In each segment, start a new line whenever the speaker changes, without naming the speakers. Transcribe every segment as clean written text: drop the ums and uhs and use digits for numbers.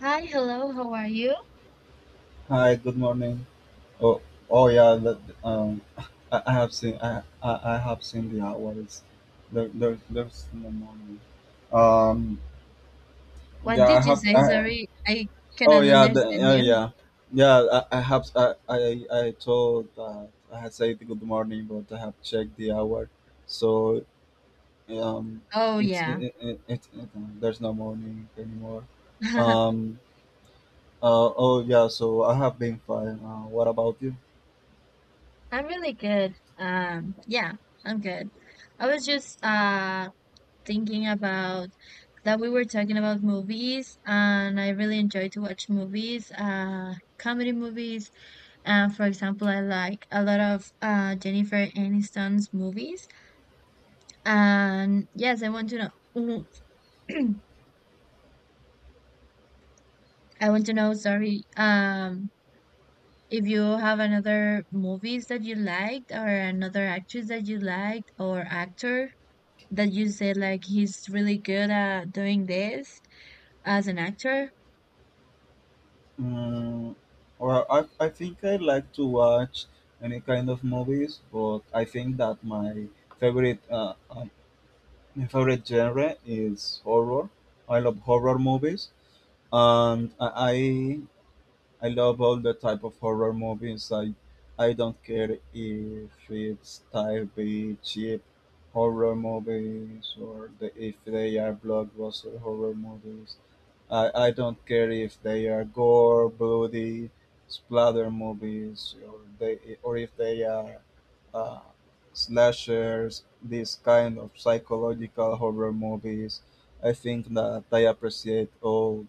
Hi, hello, how are you?
Hi, good morning. Oh, oh yeah. I have seen. I have seen the hours. There's in the morning. Um,
What
yeah. I
did you
have.
say? Sorry, I
Oh
cannot
yeah.
understand
Oh
you.
yeah. Yeah. I have. I told that I had said good morning, but I have checked the hour. So um,
Oh,
it's
yeah.
it, it, it, it, there's no morning anymore. Um. Oh yeah. So I have been fine. What about you?
I'm really good. Yeah, I'm good. I was just thinking about that we were talking about movies, and I really enjoy to watch movies, comedy movies. For example, I like a lot of Jennifer Aniston's movies. And yes, I want to know. I want to know, sorry, if you have another movies that you liked or another actress that you liked or actor that you said like he's really good at doing this as an actor,
Mm, well, I think I like to watch any kind of movies, but I think that favorite uh, uh, my favorite genre is horror. I love horror movies, and I I love all the type of horror movies. I don't care if it's type B cheap horror movies or if they are blockbuster horror movies. I don't care if they are gore, bloody, splatter movies, or if they are uh, slashers, these kind of psychological horror movies. I think that I appreciate all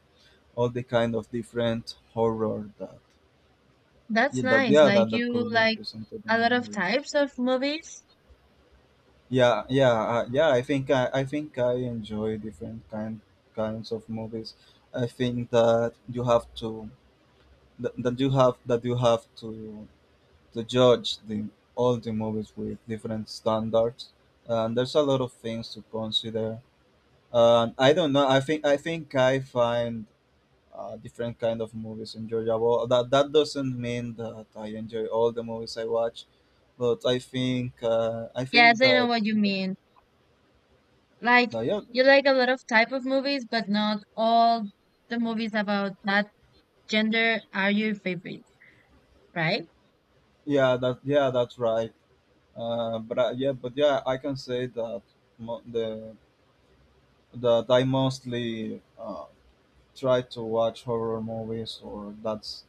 all the kind of different horror that
that's
yeah that
nice.
yeah that,
Like
that
you
could be
like
presented on
a
the
lot of
movies.
types of movies.
Yeah, yeah, yeah. I think I think I enjoy different kinds of movies. I think that you have to that you have to judge the all the movies with different standards, and there's a lot of things to consider. And I don't know, I think I find different kind of movies enjoyable. That doesn't mean that I enjoy all the movies I watch, but I think, I think
Yes, I know
that,
what you mean. Like
that yeah
you like a lot of type of movies, but not all the movies about that gender are your favorite, right?
yeah that yeah that's right. But I, yeah but yeah, I can say that mo- the that I mostly try to watch horror movies, or that's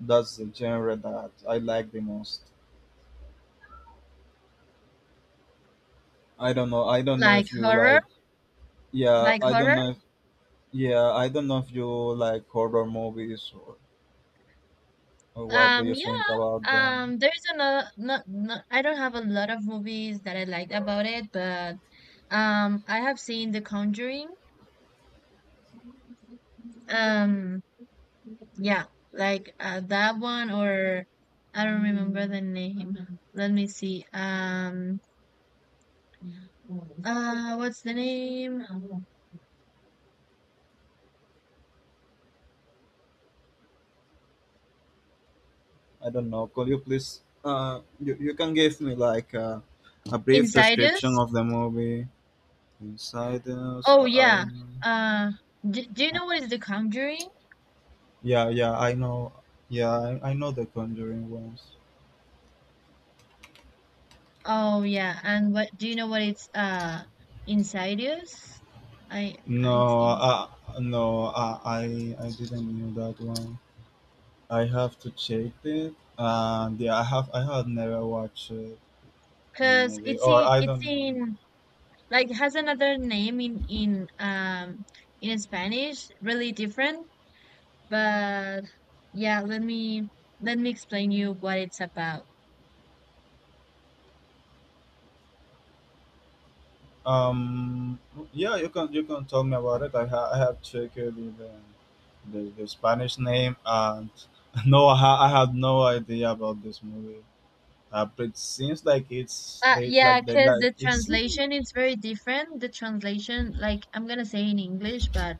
the genre that I like the most. I don't know. I don't know
Like
if you
horror,
like. Yeah,
like
I don't
horror.
know. If, yeah, I don't know if you like horror movies, or what do you think
Yeah.
about them.
There's another. Not, not, I don't have a lot of movies that I liked about it, but I have seen The Conjuring. Um, yeah, like that one, or I don't remember the name. Let me see. What's the name?
I don't know. Could you please? You can give me like a brief description
Insidious.
of the movie. Inside us,
Oh yeah. Uh, do you
I
know what is The Conjuring?
yeah, yeah, I know. I know the Conjuring ones.
Oh yeah, and what do you know what it's insidious? I
No,
think so.
no, I didn't know that one. I have to check it, and yeah, I have never watched, the
'Cause
movie,
it's
or
in
I
it's
don't know.
in like has another name in in Spanish, really different, but yeah, let me explain you what it's about.
Um, yeah, you can tell me about it. I have checked the Spanish name, and no, I had no idea about this movie. But it seems like it's
Yeah,
they
because
like
the
it's
translation is very different. The translation like I'm gonna say in English, but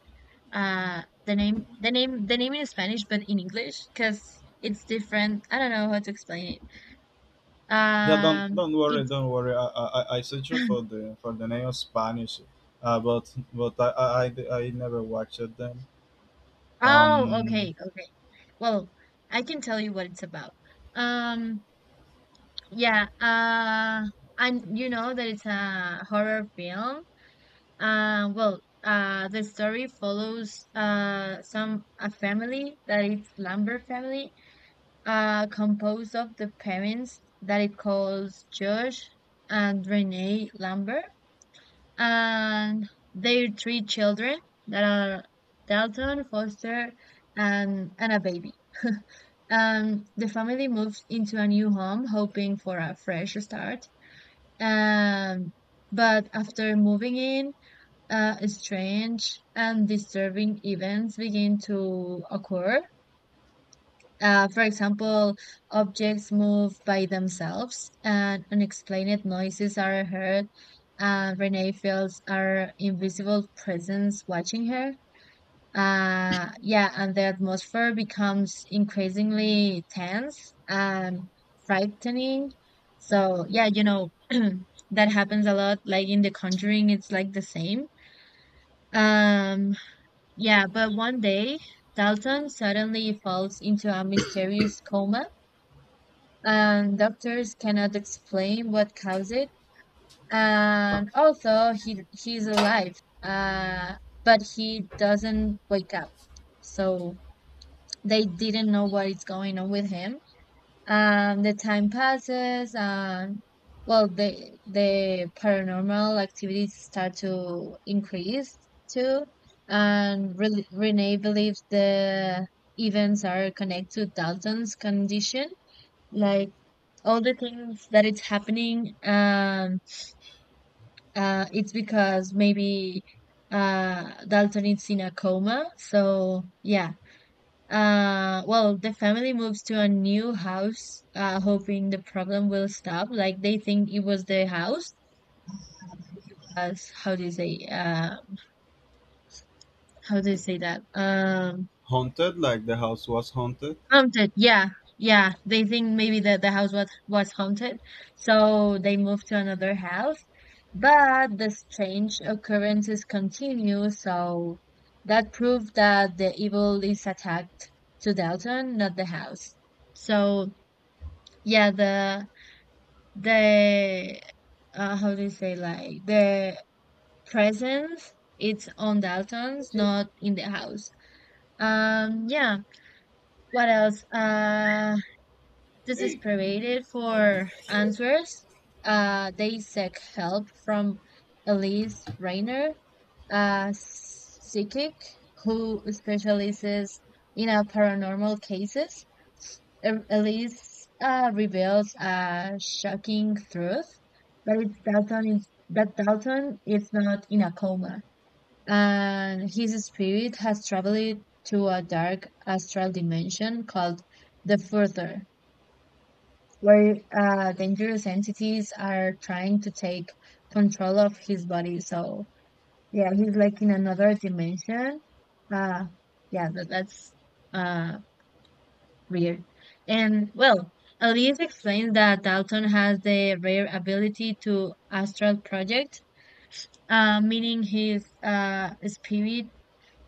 the name in Spanish but in English because it's different. I don't know how to explain it.
Don't worry,
It's
don't worry. I searched for the name of Spanish, but I never watched them.
oh
Um,
okay, okay. Well, I can tell you what it's about. Um yeah, uh and you know that it's a horror film. The story follows some a family that it's Lambert family composed of the parents that it calls Josh and Renee Lambert and their three children that are Dalton, Foster, and a baby. The family moves into a new home hoping for a fresh start. Um, but after moving in, strange and disturbing events begin to occur. For example, objects move by themselves and unexplained noises are heard, and Renee feels our invisible presence watching her. Yeah, and the atmosphere becomes increasingly tense and frightening. So, yeah, that happens a lot. Like in The Conjuring, it's like the same. Um, yeah, but one day, Dalton suddenly falls into a mysterious coma and doctors cannot explain what caused it. And also, he's alive, uh, but he doesn't wake up. So they didn't know what is going on with him. The time passes, and well, the paranormal activities start to increase too. And Renee believes the events are connected to Dalton's condition, like all the things that it's happening it's because maybe Dalton is in a coma, so yeah, well, the family moves to a new house hoping the problem will stop. Like they think it was the house as how do you say how do you say that,
haunted, like the house was haunted.
haunted yeah, yeah, they think maybe that the house was haunted, so they move to another house. But the strange occurrences continue, so that proved that the evil is attacked to Dalton, not the house. So yeah, the how do you say, like the presence it's on Dalton's, not in the house. Yeah. What else? This is
Hey.
provided for answers. They seek help from Elise Rayner, a psychic who specializes in paranormal cases. Elise reveals a shocking truth, but it's Dalton is, that Dalton is not in a coma, and his spirit has traveled to a dark astral dimension called the Further, where dangerous entities are trying to take control of his body. So yeah, he's like in another dimension. Uh, yeah, that, that's uh, weird. And well, Elise explains that Dalton has the rare ability to astral project, meaning his spirit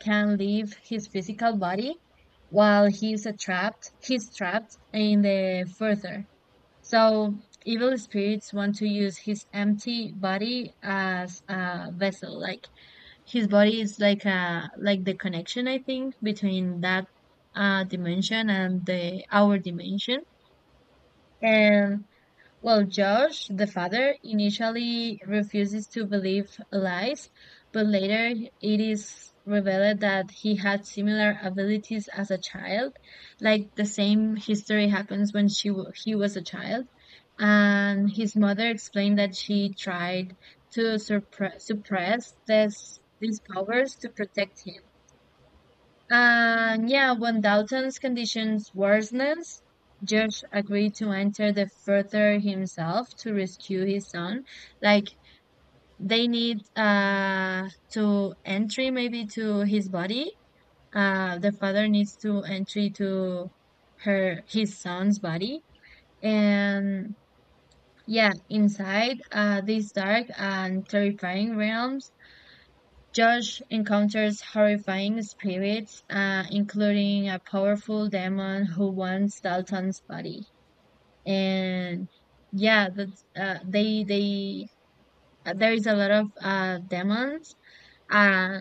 can leave his physical body while he's trapped. He's trapped in the further. So evil spirits want to use his empty body as a vessel. Like his body is like a like the connection I think between that dimension and the our dimension. And well, Josh, the father, initially refuses to believe lies, but later it is revealed that he had similar abilities as a child. Like the same history happens when he was a child, and his mother explained that she tried to suppress this, these powers to protect him. And yeah, when Dalton's conditions worsens, George agreed to enter the further himself to rescue his son. Like they need to entry maybe to his body. The father needs to entry to her his son's body, and yeah, inside these dark and terrifying realms, Josh encounters horrifying spirits, including a powerful demon who wants Dalton's body. And yeah, that they there is a lot of demons. Uh,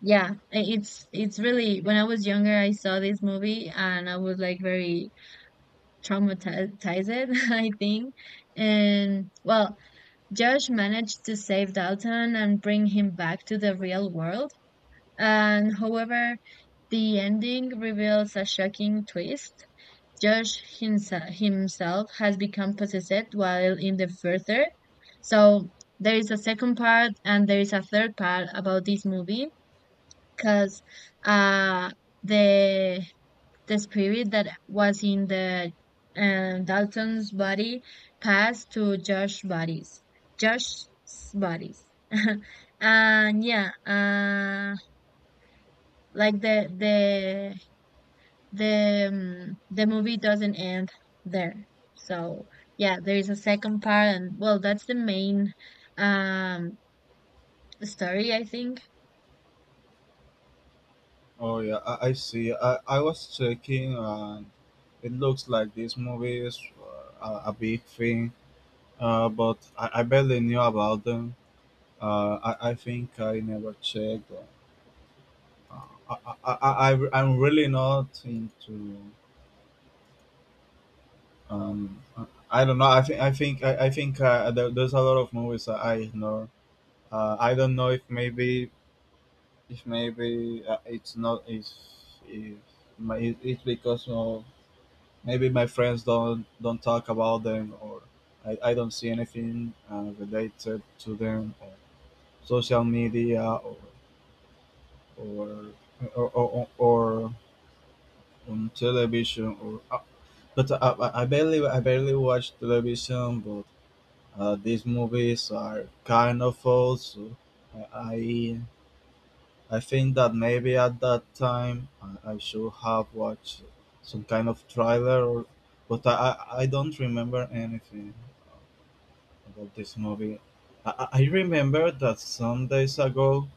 it's really when I was younger, I saw this movie and I was like very traumatized, I think. And well, Josh managed to save Dalton and bring him back to the real world. And however, the ending reveals a shocking twist. Josh himself has become possessed while in the further. So there is a second part and there is a third part about this movie because uh, the the spirit that was in the Dalton's body passed to Josh's bodies. Josh's bodies. and yeah, like the movie doesn't end there. So yeah, there is a second part, and well, that's the main um story, I think.
Oh yeah, I see. I was checking, and it looks like this movie is, a big thing. But I barely knew about them. I think I never checked. I, I'm really not into. Um, I don't know. I think there's a lot of movies that I ignore. I don't know if maybe it's not if if it's because of maybe my friends don't talk about them, or I don't see anything, related to them, or social media, or or on television or. But I barely watch television, but uh, these movies are kind of old, so I I think that maybe at that time I should have watched some kind of trailer, or, but I don't remember anything about this movie. I remember that some days ago,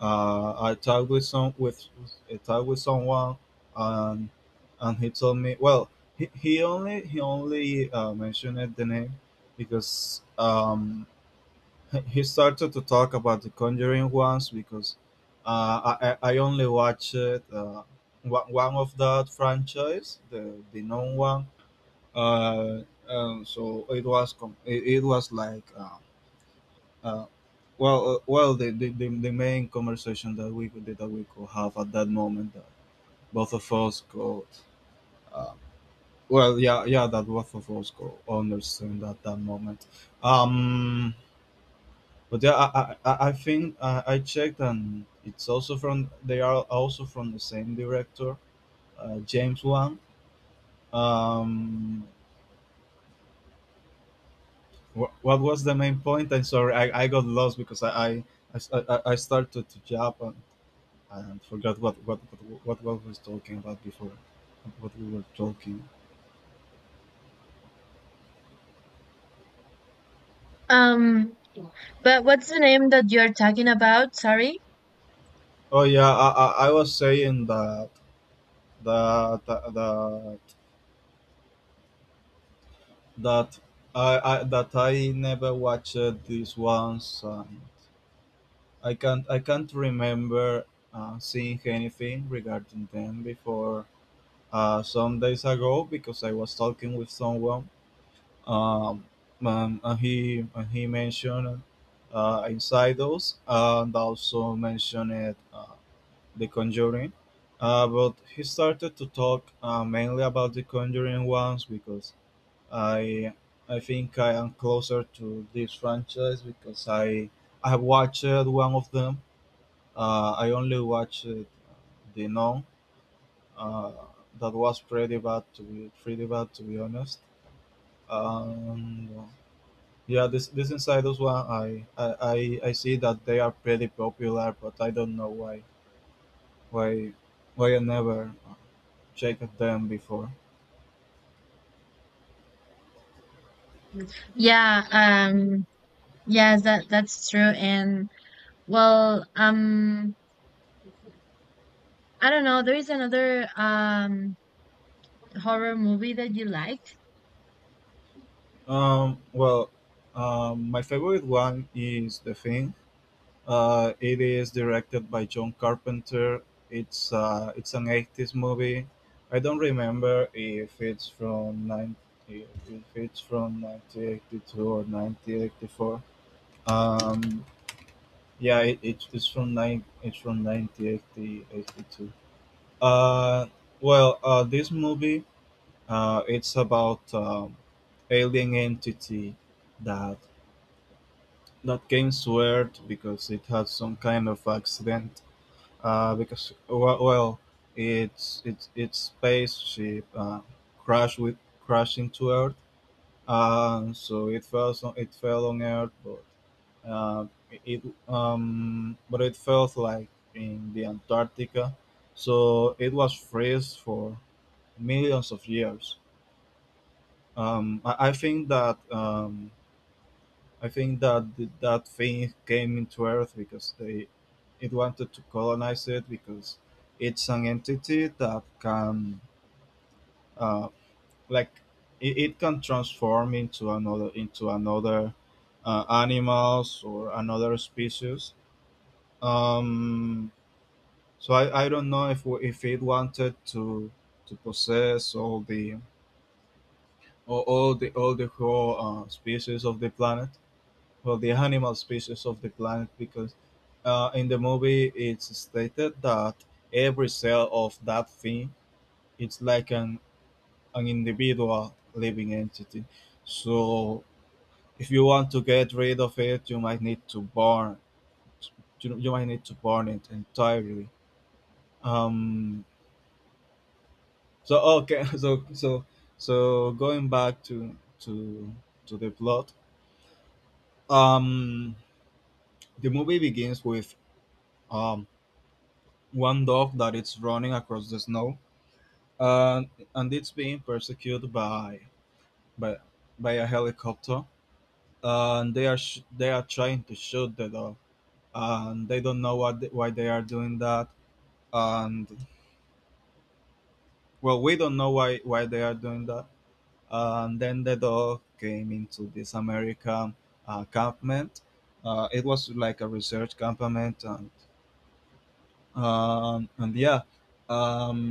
I talked with some with I talked with someone, and he told me, well, he only mentioned the name because, he started to talk about The Conjuring once because, I only watched, one of that franchise, the known one. And so it was com- it was like, uh, well the, the main conversation that we could have at that moment, that both of us could uh, well yeah yeah that both of us could understand at that moment. Um, But yeah, I think, I checked, and it's also from the same director, James Wan. Um, what was the main point? I'm sorry, I got lost because I, s- I started to jump, and forgot what we was talking about before, what we were talking.
Um, but what's the name that you're talking about? Sorry.
Oh yeah, I was saying that that that that I never watched these ones. I can't remember seeing anything regarding them before, some days ago, because I was talking with someone, um, and he mentioned, Insidious, and also mentioned, The Conjuring. But he started to talk, mainly about The Conjuring ones, because I I think I am closer to this franchise, because I have watched one of them. I only watched, the Nun. Uh, that was pretty bad to be honest. Um, yeah, this Insiders one, I see that they are pretty popular, but I don't know why why I never checked them before.
Yeah. Yes, that that's true. And well, I don't know. There is another horror movie that you liked.
Well, my favorite one is The Thing. It is directed by John Carpenter. It's an 80s movie. I don't remember if it's from 90, if it's from 1982 or 1984. Um, yeah, it's from nine it's from 1982. Uh, this movie, it's about, alien entity that that came to Earth because it had some kind of accident, well, its spaceship, crashed with crashed into Earth, and so it fell on Earth, but, uh, it but it felt like in the Antarctica, so it was freeze for millions of years. I think that, that thing came into Earth because they it wanted to colonize it, because it's an entity that can, uh, like it can transform into another animals or another species. Um, I don't know if it wanted to possess all the whole, species of the planet, for the animal species of the planet, because, in the movie it's stated that every cell of that thing, it's like an individual living entity. So if you want to get rid of it, you might need to burn, you might need to burn it entirely. um okay, so going back to to the plot. um the movie begins with, um one dog that is running across the snow, and and it's being persecuted by by, by a helicopter, and they are trying to shoot the dog, and they don't know what why they are doing that, and well, we don't know why they are doing that, and then the dog came into this American, campment. It was like a research campament, and yeah. Um,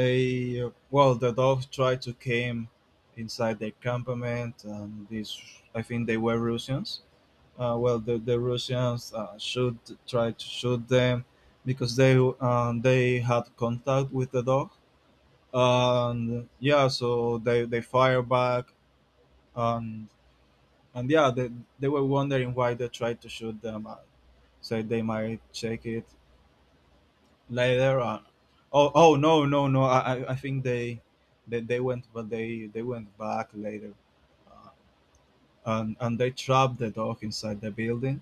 Well, the dogs tried to came inside the campament, and these, I think they were Russians. Well, the Russians, tried to shoot them because they had contact with the dog, and yeah, so they fire back, and and yeah, they were wondering why they tried to shoot them. I said they might check it later on. Oh, oh no, no, no. I think they went, but they went back later, uh, and they trapped the dog inside the building.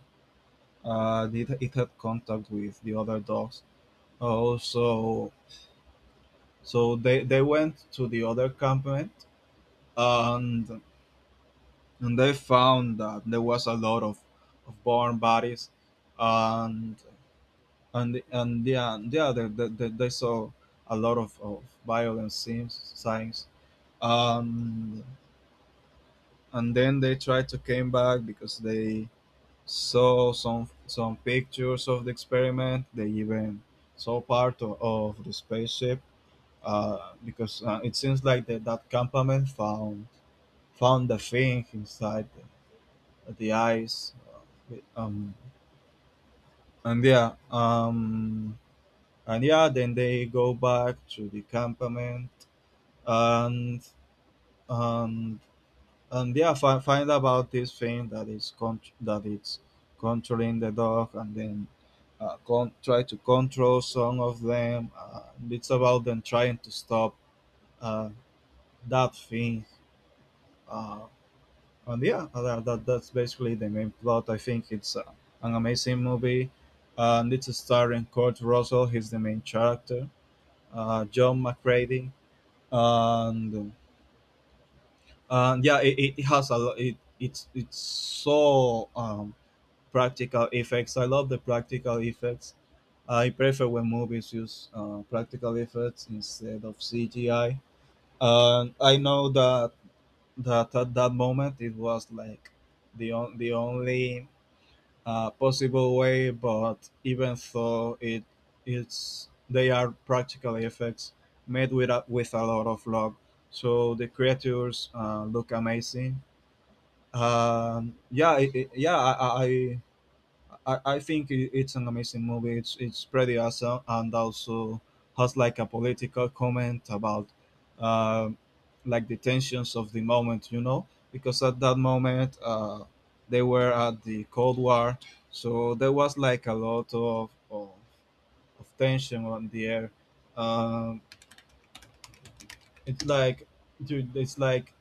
It had contact with the other dogs. Oh, so they went to the other campment, and and they found that there was a lot of born bodies, and and yeah, yeah, they saw a lot of violent scenes, signs, um, and then they tried to came back because they saw some pictures of the experiment. They even saw part of the spaceship, because it seems like that that campament found the thing inside the ice. Um, and yeah, um, and yeah, then they go back to the campament and um, and yeah, find about this thing that it's controlling the dog, and then try to control some of them. It's about them trying to stop uh, that thing. uh, and yeah, that's basically the main plot. I think it's an amazing movie, and it's starring Kurt Russell. He's the main character. John McCready. And uh, and yeah, it has a lo- it it's so practical effects. I love the practical effects. I prefer when movies use practical effects instead of CGI. And I know that at that moment it was like the only possible way. But even though it it's they are practical effects made with with a lot of love, so the creatures look amazing. Yeah, I think it's an amazing movie. It's pretty awesome, and also has like a political comment about uh, like the tensions of the moment, because at that moment they were at the Cold War, so there was like a lot of of tension on the air. Um, it's like, dude,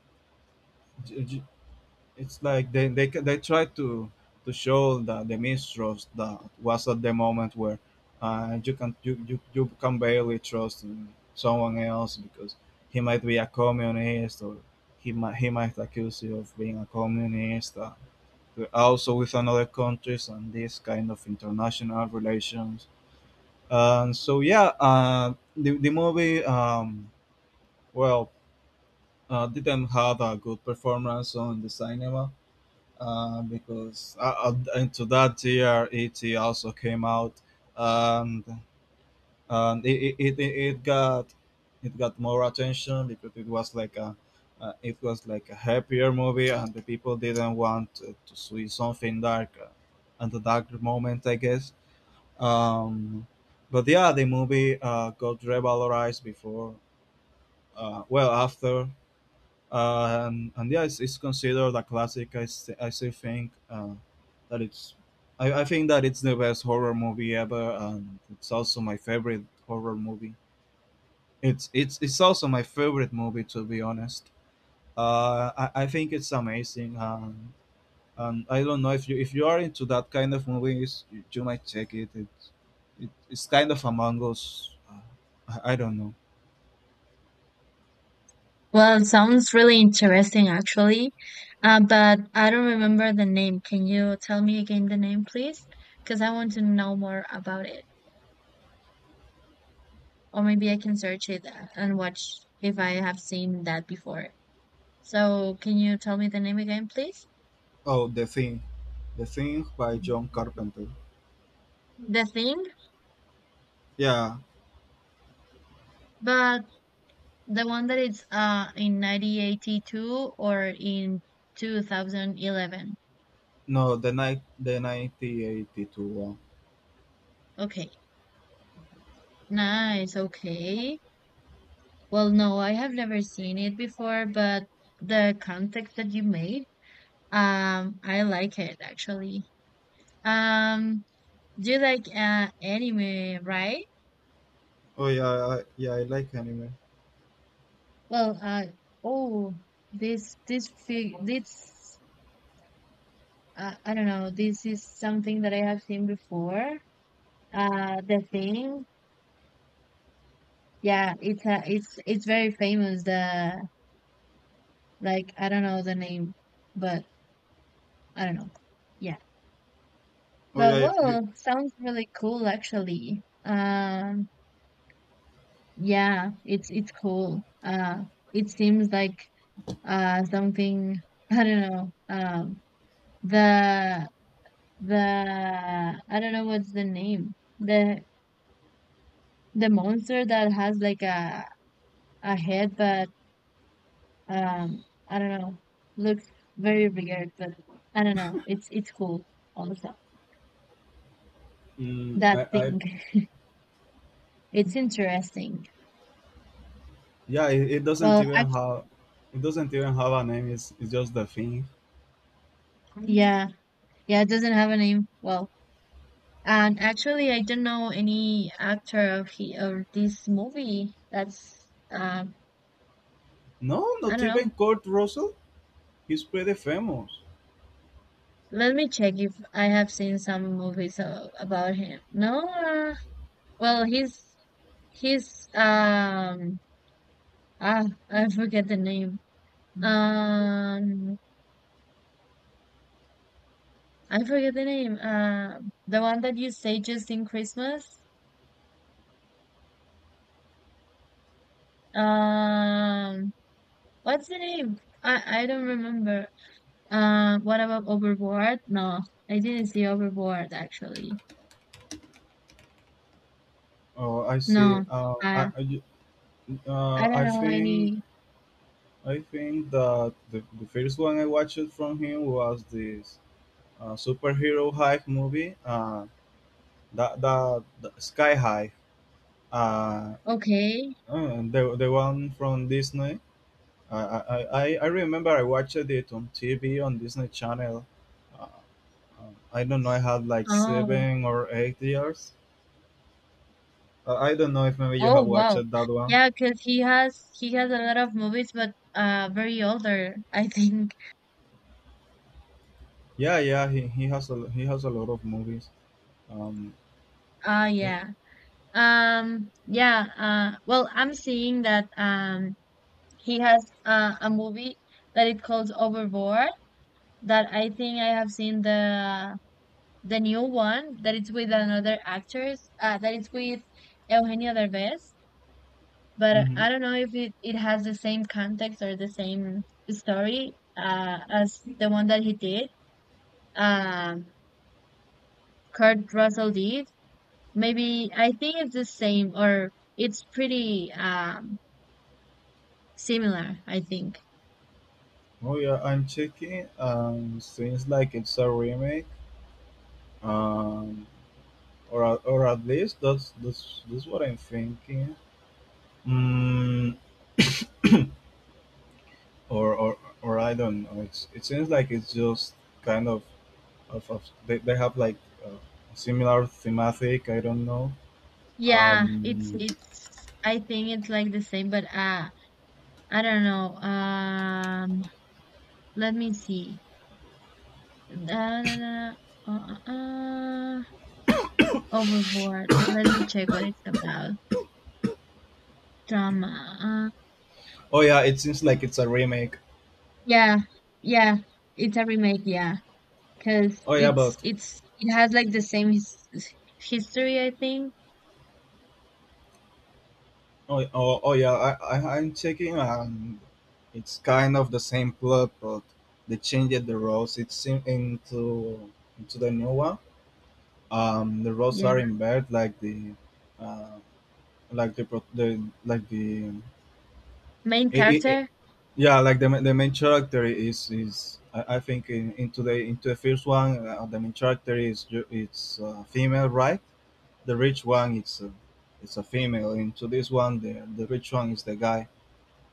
it's like they try to show the mistrust that was at the moment where you can you can barely trust in someone else, because he might be a communist, or he might accuse you of being a communist. Also with another countries and this kind of international relations. And so yeah, the movie, well, didn't have a good performance on the cinema, because into that year it also came out, and and it, it, it, it got it got more attention because it was like a happier movie, and the people didn't want to see something dark at the dark moment, I guess. um, but yeah, the movie got revalorized before, well, after. And yeah, it's considered a classic. I still think that it's, I think that it's the best horror movie ever, and it's also my favorite horror movie. It's also my favorite movie, to be honest. I think it's amazing, and I don't know if you are into that kind of movies. You might check it. It's kind of Among Us. I don't know.
Well, it sounds really interesting actually, but I don't remember the name. Can you tell me again the name, please? Because I want to know more about it, or maybe I can search it and watch if I have seen that before. So, can you tell me the name again, please?
Oh, The Thing. The Thing by John Carpenter.
The Thing,
Yeah.
but the one that it's in 1982 or in 2011.
No, the 1982 one.
Okay. Nice. Okay. Well, no, I have never seen it before, but the context that you made, I like it actually. Um, do you like anime, right?
Oh yeah. Yeah, I like anime.
Well, oh, this I don't know. This is something that I have seen before. The thing. Yeah, it's very famous. The like I don't know the name, but I don't know. Yeah,
Oh
but
yeah. you,
well, sounds really cool actually. Yeah, it's cool. It seems like something I don't know. The the I don't know what's the name. The monster that has like a head, but I don't know. Looks very weird, but I don't know. It's cool also.
mm,
That
I,
thing. It's interesting.
yeah, it doesn't
Well,
even have, It doesn't even have a name. It's just the thing.
actually, yeah. Yeah, it doesn't have a name. Well, and actually I don't know any actor of he of this movie. That's
No,
I
not
don't
even
know.
Kurt Russell. He's pretty famous.
Let me check if I have seen some movies about him. No, well, he's ah I forget the name. Um I forget the name. The one that you say just in Christmas. Um, what's the name? I don't remember. What about Overboard? No, I didn't see Overboard actually.
Oh, I see.
No. Uh, I
Uh,
don't
I
know
think,
any.
I think that the first one I watched from him was this superhero hive movie. That Sky High. Uh,
Okay.
the one from Disney. I remember I watched it on TV on Disney Channel. Uh, I don't know. I had like
Oh.
7 or 8 years. I don't know if maybe you have
Oh
watched
wow.
that one.
Yeah, because he has a lot of movies, but very older. I think.
Yeah, yeah. He has a lot of movies. Um.
Ah, yeah. Yeah. Well, I'm seeing that. He has a movie that it calls Overboard that I think I have seen the new one that it's with another actress that it's with Eugenio Derbez. But
hmm
I don't know if it, it has the same context or the same story as the one that he did. Um, Kurt Russell did. Maybe I think it's the same or it's pretty similar. I think.
Oh yeah, I'm checking. Seems like it's a remake. Um, or at least that's what I'm thinking. Mm, or I don't know. It seems like it's just kind of they have like uh, similar thematic. I don't know.
Yeah,
Um.
it's I think it's like the same, but I don't know. Let me see. Da, da, da, uh, uh, uh, overboard. Let me check what it's about. Drama. Uh,
Oh yeah, it seems like it's a remake.
yeah. Yeah. It's a remake, yeah. 'Cause
Oh yeah, but
it's it has like the same his history, I think.
oh yeah, I'm checking, and it's kind of the same plot, but they changed the roles. It's in, into the new one. The roles
Yeah.
are in bed, uh like the
Main
it, it,
character?
yeah, like the main character is, I think, in today into the first one. The main character is it's female, right? The rich one, it's a female. Into this one, the rich one is the guy,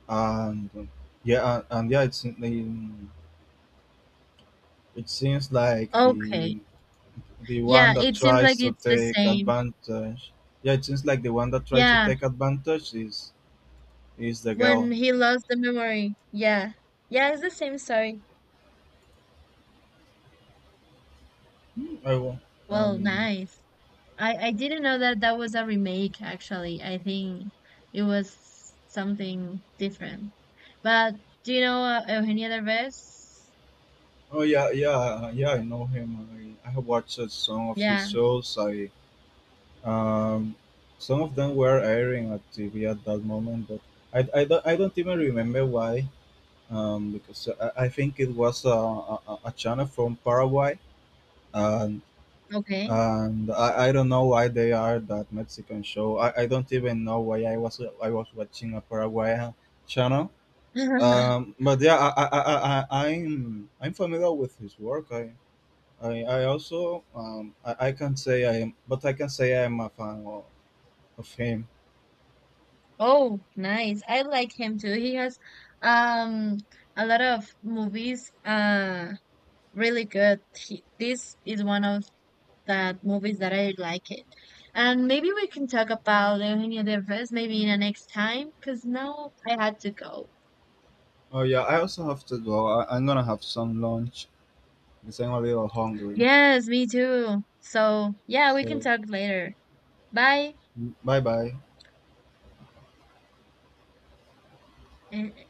and yeah, and, and yeah, it's in, in- it seems like
Okay.
the one
Yeah,
that
it seems like
tries to
it's the
take
same.
advantage. Yeah, it seems like the one that tries to
Yeah.
take advantage is the
When
girl.
he lost the memory. Yeah. Yeah, it's the same story.
I will.
Well,
um,
nice. I didn't know that that was a remake actually. I think it was something different. But do you know Eugenia Derbez?
Oh yeah, yeah, yeah. I know him. I have watched some of his
Yeah,
shows. I um, some of them were airing at TV at that moment, but I don't even remember why. Because I think it was a channel from Paraguay, and
okay.
I don't know why they are that Mexican show. I don't even know why I was watching a Paraguayan channel. But yeah, I'm familiar with his work. I also I can't say I am, but I can say I am a fan of him.
Oh, nice. I like him too. He has um a lot of movies really good. He, this is one of that movies that I like it. And maybe we can talk about Eugenio Derbez maybe in the next time, because now I had to go.
Oh yeah, I also have to go. I'm gonna have some lunch because I'm a little hungry.
Yes, me too. So yeah, we can
So
talk later. Bye.
bye bye.